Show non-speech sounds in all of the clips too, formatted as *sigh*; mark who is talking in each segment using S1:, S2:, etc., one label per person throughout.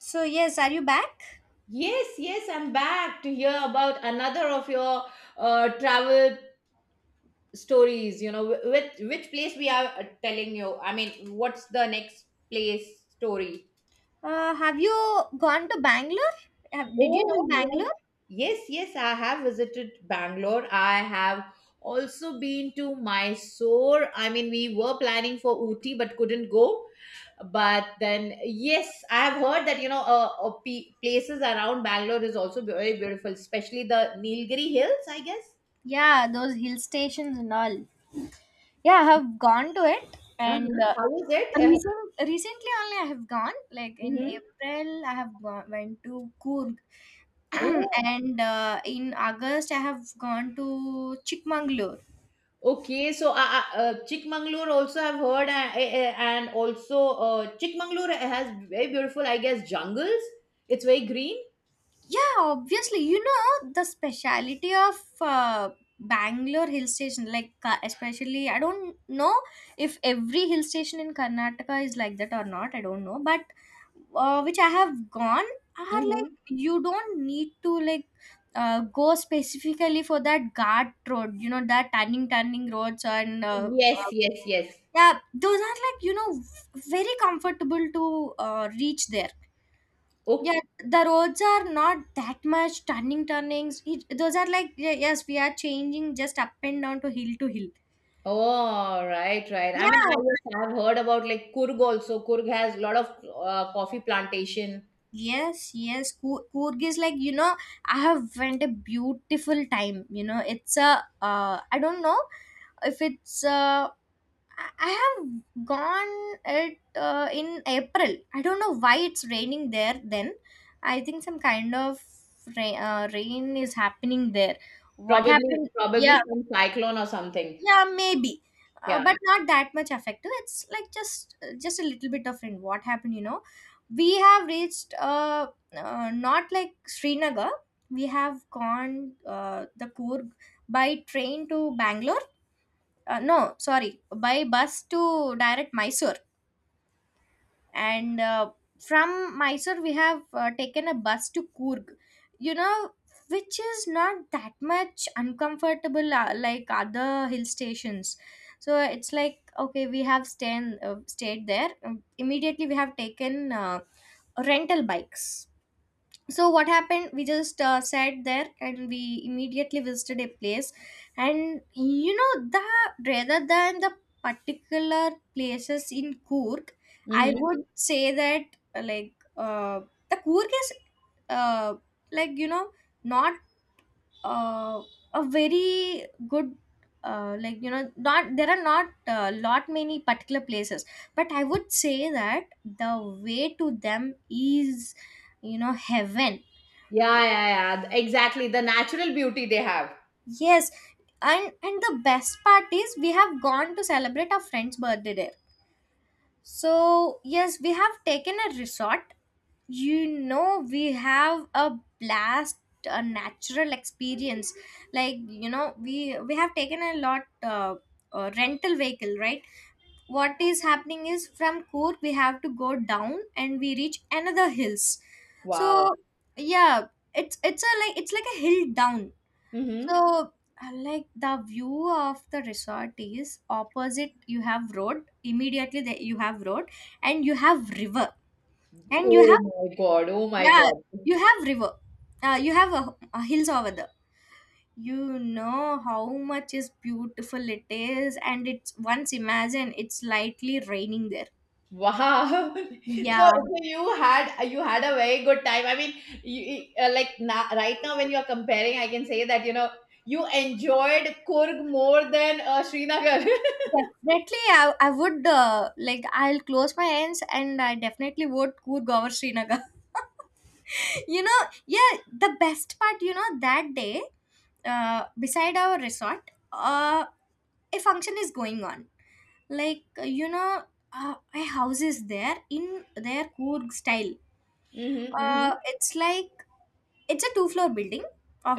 S1: So yes, are you back?
S2: Yes, yes, I'm back to hear about another of your travel stories. You know, which place we are telling you? I mean, what's the next place story?
S1: Have you gone to Bangalore? Did you
S2: Oh,
S1: know
S2: yes.
S1: Bangalore?
S2: Yes, yes, I have visited Bangalore. I have also been to Mysore. I mean, we were planning for Ooty but couldn't go. But then, yes, I have heard that, you know, places around Bangalore is also very beautiful, especially the Nilgiri Hills, I guess.
S1: Yeah, those hill stations and all. Yeah, I have gone to it, and
S2: Uh-huh.
S1: uh,
S2: How is it?
S1: recent, recently only I have gone. Like in
S2: Mhm.
S1: April, I went to Coorg, *clears throat*
S2: Oh,
S1: and in August I have gone to Chikmagalur.
S2: okay. So, Chikmagalur also I've heard, and also Chikmagalur has very beautiful, I guess, jungles. It's very green.
S1: Yeah, obviously, you know the speciality of Bangalore hill station, like especially. I don't know if every hill station in Karnataka is like that or not. I don't know, but which I have gone are like
S2: Mm-hmm.
S1: you don't need to like go specifically for that guard road. You know that turning roads and
S2: Yes, yes, yes.
S1: yeah, those are like you know very comfortable to reach there.
S2: Okay.
S1: Yeah, the roads are not that much turning turnings. It, those are like yeah, yes, we are changing just up and down to hill to hill.
S2: Oh, right, right. I mean, I
S1: Yeah.
S2: yes, I've heard about like Kurg also. Kurg has a lot of coffee plantation.
S1: Yes, yes. Coorg is like you know I have went a beautiful time. You know it's a I don't know if it's I have gone it in April. I don't know why it's raining there. Then I think some kind of rain is happening there. What
S2: Probably,
S1: happened? Yeah,
S2: probably some cyclone or something.
S1: yeah, maybe,
S2: Yeah.
S1: but not that much effective, it's like just a little bit of in what happened, you know, we have reached not like Srinagar. We have gone, the Coorg, by train to Bangalore, no, sorry, by bus to direct Mysore, and from Mysore we have taken a bus to Coorg. You know, which is not that much uncomfortable, like other hill stations. So it's like okay, we have stayed there. Immediately we have taken rental bikes, so what happened, we just sat there, and we immediately visited a place, and you know, the rather than the particular places in Coorg, I, mhm,
S2: Mm-hmm.
S1: would say that like the Coorg is uh, like you know not uh, a very good, like you know, not there are not lot many particular places, but I would say that the way to them is, you know, heaven.
S2: Yeah, yeah, yeah. Exactly. The natural beauty they have.
S1: Yes, and the best part is we have gone to celebrate our friend's birthday there. So yes, we have taken a resort. You know, we have a blast, a natural experience. Like you know, we have taken a lot, rental vehicle, right? What is happening is from Coorg we have to go down and we reach another hills.
S2: Wow.
S1: So yeah, it's like a hill down.
S2: Mm-hmm.
S1: So, like, the view of the resort is opposite. You have road immediately. There you have road, and you have river, and you
S2: Oh
S1: have
S2: my God. Oh my
S1: yeah,
S2: God.
S1: you have river. You have a hills over there. You know how much is beautiful it is, and it's, once imagine, it's lightly raining there.
S2: Wow. *laughs*
S1: Yeah,
S2: So, so you had a very good time. I mean, you, like na right now when you are comparing, I can say that you know you enjoyed Kurg more than Srinagar.
S1: definitely. I would, like, I'll close my eyes and I definitely would could go over Srinagar. *laughs* You know, yeah, the best part, you know, that day, beside our resort, a function is going on, like you know, a house is there in their Coorg style.
S2: Mm-hmm, mm-hmm.
S1: It's like it's a two floor building.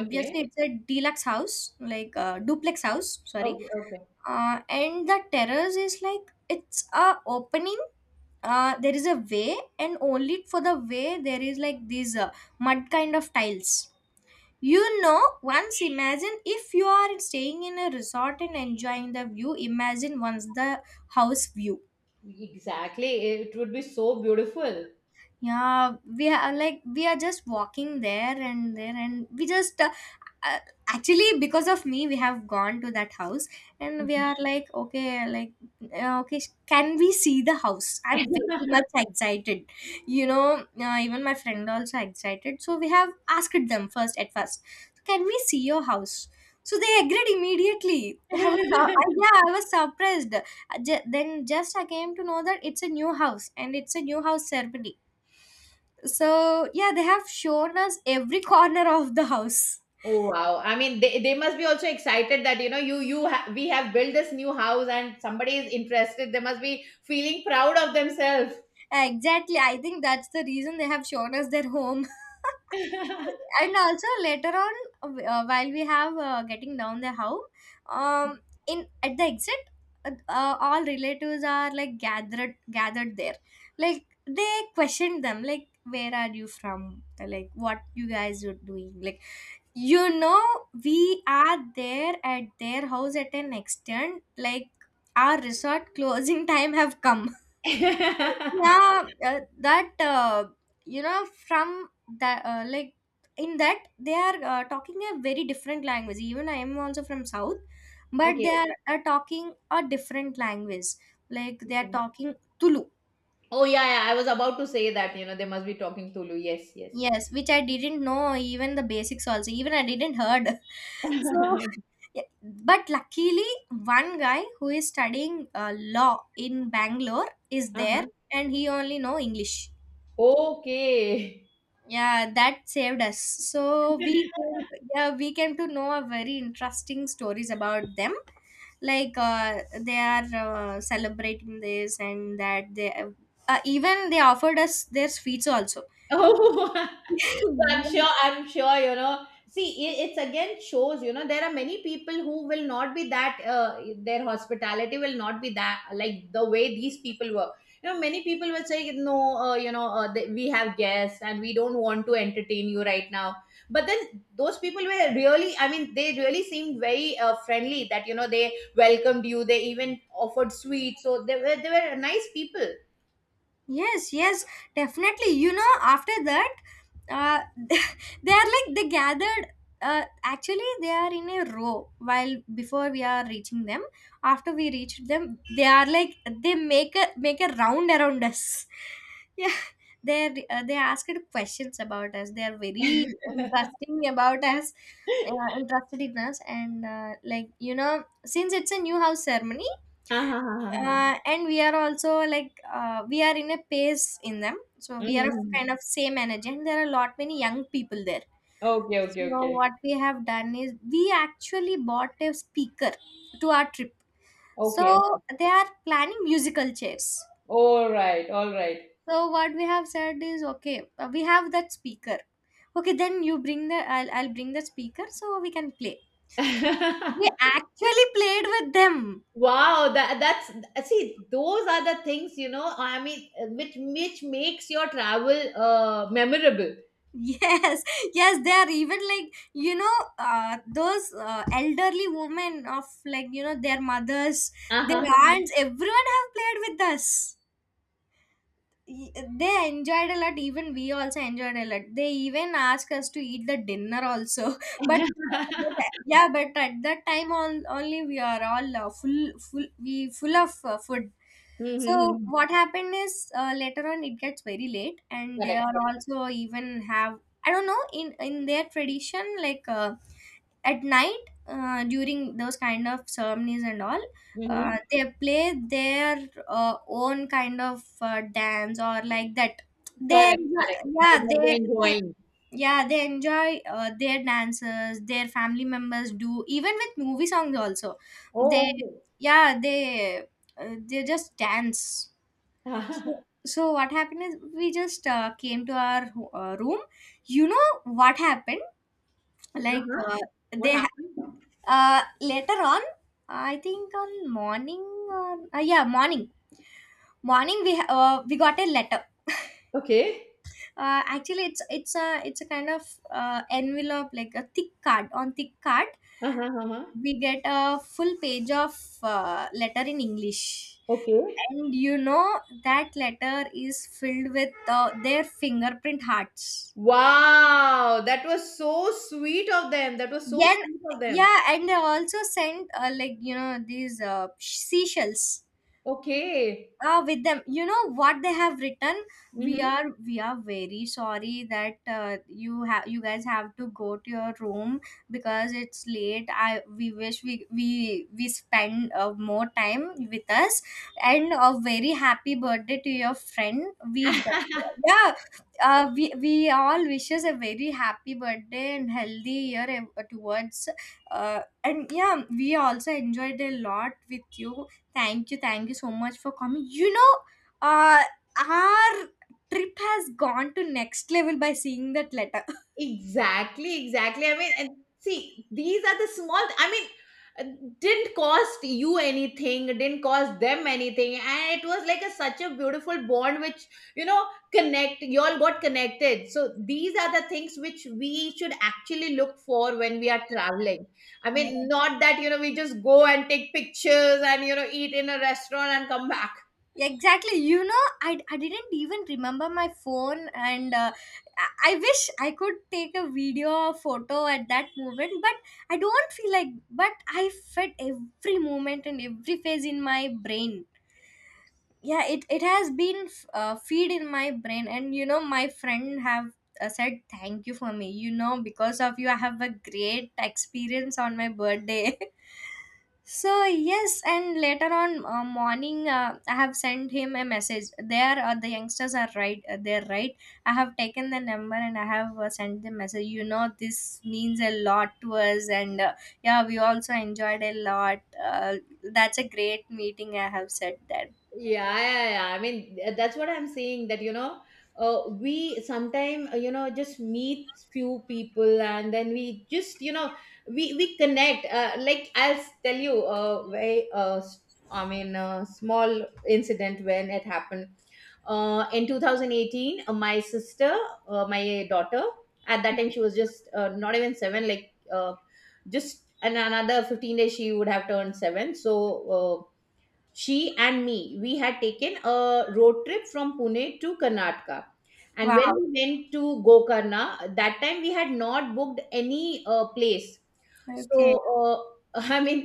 S2: Okay.
S1: it's a deluxe house, like, duplex house, sorry.
S2: Okay, okay.
S1: And the terrace is like it's a opening. There is a way, and only for the way there is like these, mud kind of tiles. You know, once imagine if you are staying in a resort and enjoying the view, imagine once the house view.
S2: Exactly. It would be so beautiful.
S1: Yeah, we are, like, we are just walking there and there, and we just, uh, actually because of me we have gone to that house, and we are like okay, like, okay, can we see the house, I'm very much excited. You know, even my friend also excited, so we have asked them first at first, can we see your house? So they agreed immediately. I was,
S2: *laughs*
S1: yeah, I was surprised. Then just I came to know that it's a new house and it's a new house ceremony. So, yeah, they have shown us every corner of the house.
S2: Oh wow. I mean they must be also excited that you know we have built this new house and somebody is interested. They must be feeling proud of themselves.
S1: Exactly. I think that's the reason they have shown us their home. *laughs* And also later on, while we have, getting down the house, um, in at the exit, all relatives are like gathered there. Like they questioned them, like, where are you from? Like, what you guys are doing? Like, you know, we are there at their house at an extent, like our resort closing *laughs* time have come.
S2: *laughs*
S1: Yeah, that, you know, from that, like, in that they are, talking a very different language. Even I am also from South, but they
S2: Okay.
S1: are, talking a different language. Like they are talking Tulu.
S2: Oh yeah, yeah. I was about to say that, you know, they must be talking Tulu. Yes, yes.
S1: Yes, which I didn't know even the basics also. Even I didn't heard. *laughs* So
S2: *laughs*
S1: yeah, but luckily one guy who is studying law in Bangalore is there,
S2: Uh-huh.
S1: and he only know English.
S2: Okay.
S1: Yeah, that saved us, so yeah, we came to know a very interesting stories about them. Like, they are, celebrating this, and that they, even they offered us their sweets also.
S2: Oh, *laughs*
S1: *laughs*
S2: so
S1: Yeah.
S2: I'm sure, you know. See, it's again shows, you know, there are many people who will not be that, their hospitality will not be that, like the way these people were. You know, many people will say, no, you know, we have guests and we don't want to entertain you right now. But then those people were really, I mean, they really seemed very friendly that, you know, they welcomed you. They even offered sweets. So they were nice people. *laughs*
S1: Yes, yes, definitely. You know, after that, uh, *laughs* they are like they gathered. Actually, they are in a row. While before we are reaching them, after we reached them, they are like they make a round around us. *laughs* Yeah, they asked questions about us. They are very interesting about us, interested in us, and, like you know, since it's a new house ceremony,
S2: Ah, ah, ah, ah, ah.
S1: and we are also like, we are in a pace in them, so
S2: Mhm,
S1: we are of kind
S2: mhm.
S1: of same energy, and there are a lot many young people there.
S2: Okay, okay,
S1: So
S2: okay.
S1: what we have done is we actually bought a speaker to our trip, so
S2: Okay, okay.
S1: they are planning musical chairs.
S2: All right, all right.
S1: So what we have said is, okay, we have that speaker, okay, then you bring the, I'll bring the speaker, so we can play. We
S2: *laughs*
S1: actually played with them.
S2: Wow, that that's, see those are the things, you know. I mean, which makes your travel memorable.
S1: Yes, *laughs* yes, they are even like you know, those, elderly women of, like you know, their mothers, their
S2: Uh-huh.
S1: aunts. Everyone have played with us. y- they enjoyed a lot, even we also enjoyed a lot. They even asked us to eat the dinner also, *laughs* but
S2: *laughs*
S1: but yeah, but at that time on only we are all, full of food. So
S2: Mhm.
S1: what happened is, later on it gets very late, and they
S2: Correct,
S1: are
S2: correct.
S1: also even have, I don't know, in their tradition, like, at night, during those kind of ceremonies and all,
S2: Hmm.
S1: they play their, own kind of, dance or like that. They,
S2: Correct, correct. They
S1: yeah
S2: must
S1: they,
S2: be
S1: they
S2: enjoying.
S1: yeah, they enjoy, their dances, their family members do, even with movie songs also.
S2: Oh,
S1: they
S2: okay.
S1: yeah they uh, they just dance.
S2: *laughs*
S1: So,
S2: Uh-huh.
S1: what happened is we just, came to our, room. You know what happened, like,
S2: What
S1: they,
S2: happened?
S1: later on, I think on morning, or, yeah, morning, we, we got a letter.
S2: Okay.
S1: Actually, it's, it's a kind of, envelope, like a thick card on thick card.
S2: Uh-huh, uh-huh.
S1: We get a full page of, letter in English.
S2: Okay.
S1: And you know that letter is filled with, their fingerprint hearts.
S2: Wow, that was so sweet of them. That was so
S1: Then,
S2: sweet of them.
S1: yeah, and they also sent, like you know, these, seashells.
S2: Okay.
S1: Ah, with them. You know what they have written? We
S2: Mhm.
S1: are we are very sorry that, you guys have to go to your room because it's late. I We wish we, spend, more time with us, and a very happy birthday to your friend.
S2: *laughs*
S1: Yeah. We all wishes a very happy birthday and healthy year towards, and yeah, we also enjoyed a lot with you. Thank you, thank you so much for coming. You know, uh, our trip has gone to next level by seeing that letter. *laughs*
S2: Exactly, exactly. I mean, and see, these are the small, I mean, uh, didn't cost you anything, didn't cost them anything. And it was like a such a beautiful bond which, you know, connect, you all got connected. So these are the things which we should actually look for when we are traveling. I
S1: Yeah.
S2: mean, not that, you know, we just go and take pictures and, you know, eat in a restaurant and come back.
S1: Exactly. You know, I didn't even remember my phone, and, I wish I could take a video or photo at that moment, but I don't feel like. But I felt every moment and every phase in my brain. Yeah, it has been, feed in my brain, and you know my friend have, said thank you for me, you know, because of you I have a great experience on my birthday. *laughs* So yes, and later on, morning, I have sent him a message there, the youngsters are right, they're right. I have taken the number, and I have, sent the message, you know, this means a lot to us, and, yeah, we also enjoyed a lot, that's a great meeting, I have said that.
S2: Yeah, yeah, yeah. I mean, that's what I'm saying, that you know, we sometimes, you know, just meet few people and then we just, you know, we connect, like I'll tell you, I mean a small incident when it happened, in 2018, my sister, my daughter at that time, she was just, not even 7, just an another 15 days she would have turned 7. So uh, she and me, we had taken a road trip from Pune to Karnataka. And
S1: Wow.
S2: when we went to Gokarna, that time we had not booked any place. So
S1: Okay.
S2: *laughs* I mean,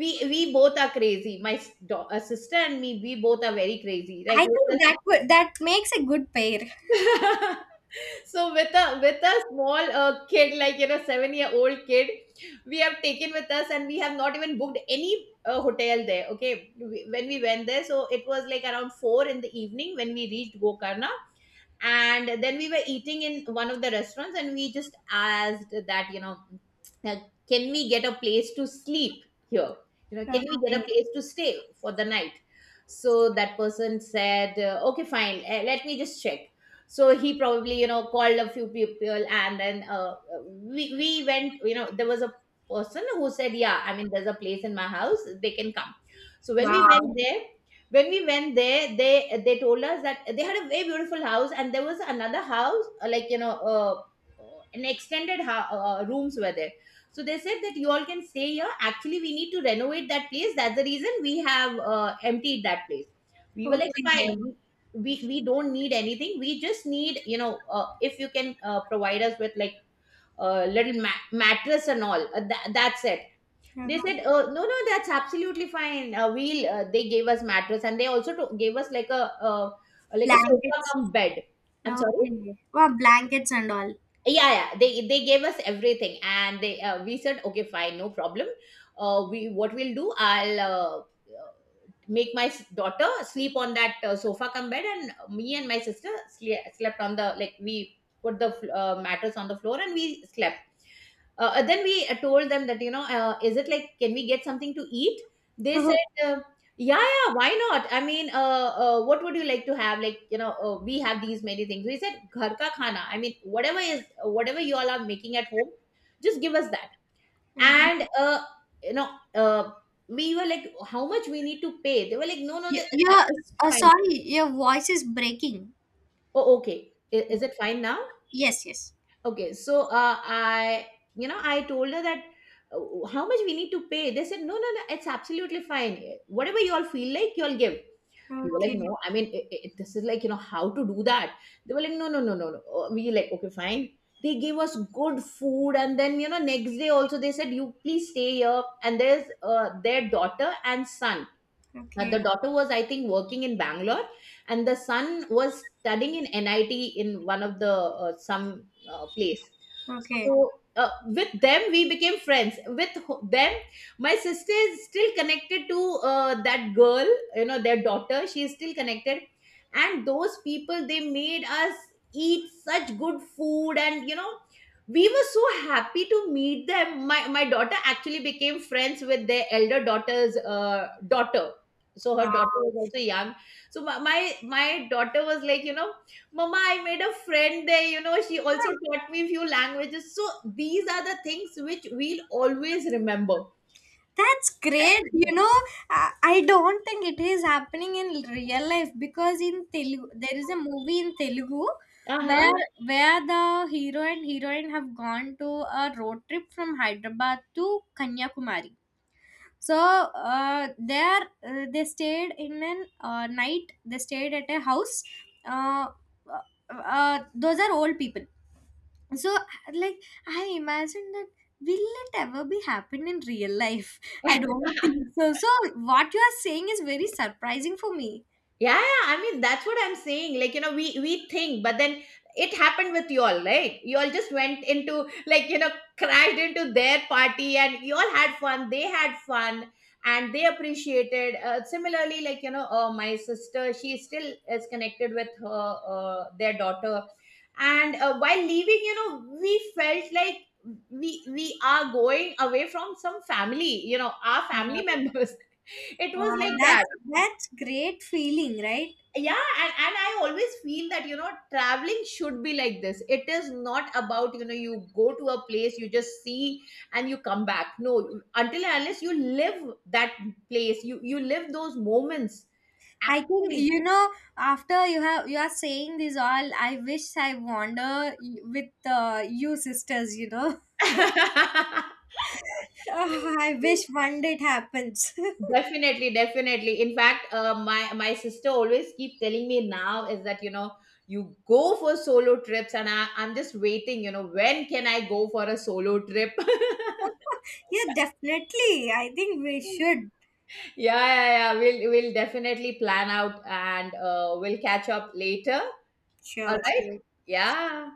S2: we both are crazy. My sister and me, we both are very crazy
S1: I
S2: like
S1: think
S2: with
S1: that would, that makes a good pair.
S2: us. *laughs* So with a small kid, like you know, 7 year old kid, we have taken with us and we have not even booked any hotel there. Okay, when we went there, so it was like around four in the evening when we reached Gokarna. And then we were eating in one of the restaurants and we just asked that, you know, uh, can we get a place to sleep here? You know, can we get a
S1: Okay.
S2: place to stay for the night? So that person said, okay, fine, let me just check. So he probably, you know, called a few people and then, we went, you know, there was a person who said, yeah, I mean, there's a place in my house, they can come. So when we
S1: Wow.
S2: went there, when we went there, they told us that they had a very beautiful house and there was another house, an extended rooms were there. So they said that you all can stay here, actually we need to renovate that place, that's the reason we have emptied that place. We were like,
S1: Okay.
S2: fine, we don't need anything, we just need, you know, if you can provide us with like a little mattress and all, that's it. They
S1: Okay.
S2: said, no, no, that's absolutely fine. They gave us mattress and they also gave us like a sofa
S1: Blankets.
S2: cum bed. I'm sorry.
S1: Okay. Wow, blankets and all.
S2: Yeah, yeah. They gave us everything and they, we said, okay, fine, no problem. What we'll do, uh, make my daughter sleep on that sofa cum bed, and me and my sister slept on the, like we put the mattress on the floor and we slept. And then we told them that, you know, is it like, can we get something to eat? They said,
S1: *laughs*
S2: yeah, yeah, why not? I mean, what would you like to have? Like, you know, we have these many things. We said, ghar ka khana. I mean, whatever is, whatever you all are making at home, just give us that.
S1: Okay.
S2: And, you know, uh, we were like, how much we need to pay? They were like, no, no, the, it's
S1: Your,
S2: absolutely fine.
S1: sorry, your voice is breaking.
S2: Oh, okay. I- Is it fine now?
S1: Yes, yes.
S2: Okay, so you know, I told her that, how much we need to pay. They said, no, no, no, it's absolutely fine. Whatever you all feel like, you all give. We were like,
S1: Okay.
S2: no, I mean, it, this is like, you know, how to do that. They were like, no, no, no, no, no. We like, okay, fine. They gave us good food, and then you know, next day also they said, you please stay here. And there's their daughter and son,
S1: Okay.
S2: the daughter was, I think, working in Bangalore, and the son was studying in NIT in one of the some place.
S1: Okay.
S2: So with them, we became friends. With them, my sister is still connected to that girl. You know, their daughter. She is still connected, and those people they made us eat such good food, and you know. We were so happy to meet them. My daughter actually became friends with their elder daughter's daughter, so her
S1: Wow.
S2: daughter was also young. So my daughter was like, you know, mama, I made a friend there, you know, she also taught me few languages. So these are the things which we'll always remember.
S1: That's great. You know, I don't think it is happening in real life, because in Telugu there is a movie in Telugu
S2: Uh-huh.
S1: where, the hero and heroine have gone to a road trip from Hyderabad to Kanyakumari. So, uh, there, they stayed in an, night. They stayed at a house. Uh, uh, uh, those are old people. So, like, I imagine that, will it ever be happen in real life? I don't think so. What you are saying is very surprising for me.
S2: Yeah, yeah, yeah. I mean, that's what I'm saying. Like, you know, we think, but then it happened with you all, right? You all just went into like, you know, crashed into their party, and you all had fun. They had fun, and they appreciated. Similarly, like you know, my sister, she still is connected with her their daughter, and while leaving, you know, we felt like we are going away from some family, you know, our family
S1: Wow,
S2: members. *laughs* It was
S1: wow,
S2: like that.
S1: that's great feeling, right?
S2: Yeah, and I always feel that you know traveling should be like this. It is not about, you know, you go to a place, you just see and you come back. No, until and unless you live that place, you live those moments
S1: I think,
S2: actually.
S1: you know, after you are saying this all, I wish I wander, with, you sisters. You know,
S2: *laughs*
S1: *laughs* ah, I wish one day it happens.
S2: Definitely, definitely. In fact, my my sister always keep telling me now is that, you know, you go for solo trips, and I'm just waiting. You know, when can I go for a solo trip? *laughs*
S1: *laughs* Yeah, definitely. I think we should.
S2: Yeah, yeah, yeah. We'll definitely plan out and we'll catch up later. All
S1: Sure,
S2: right.
S1: sure.
S2: Yeah.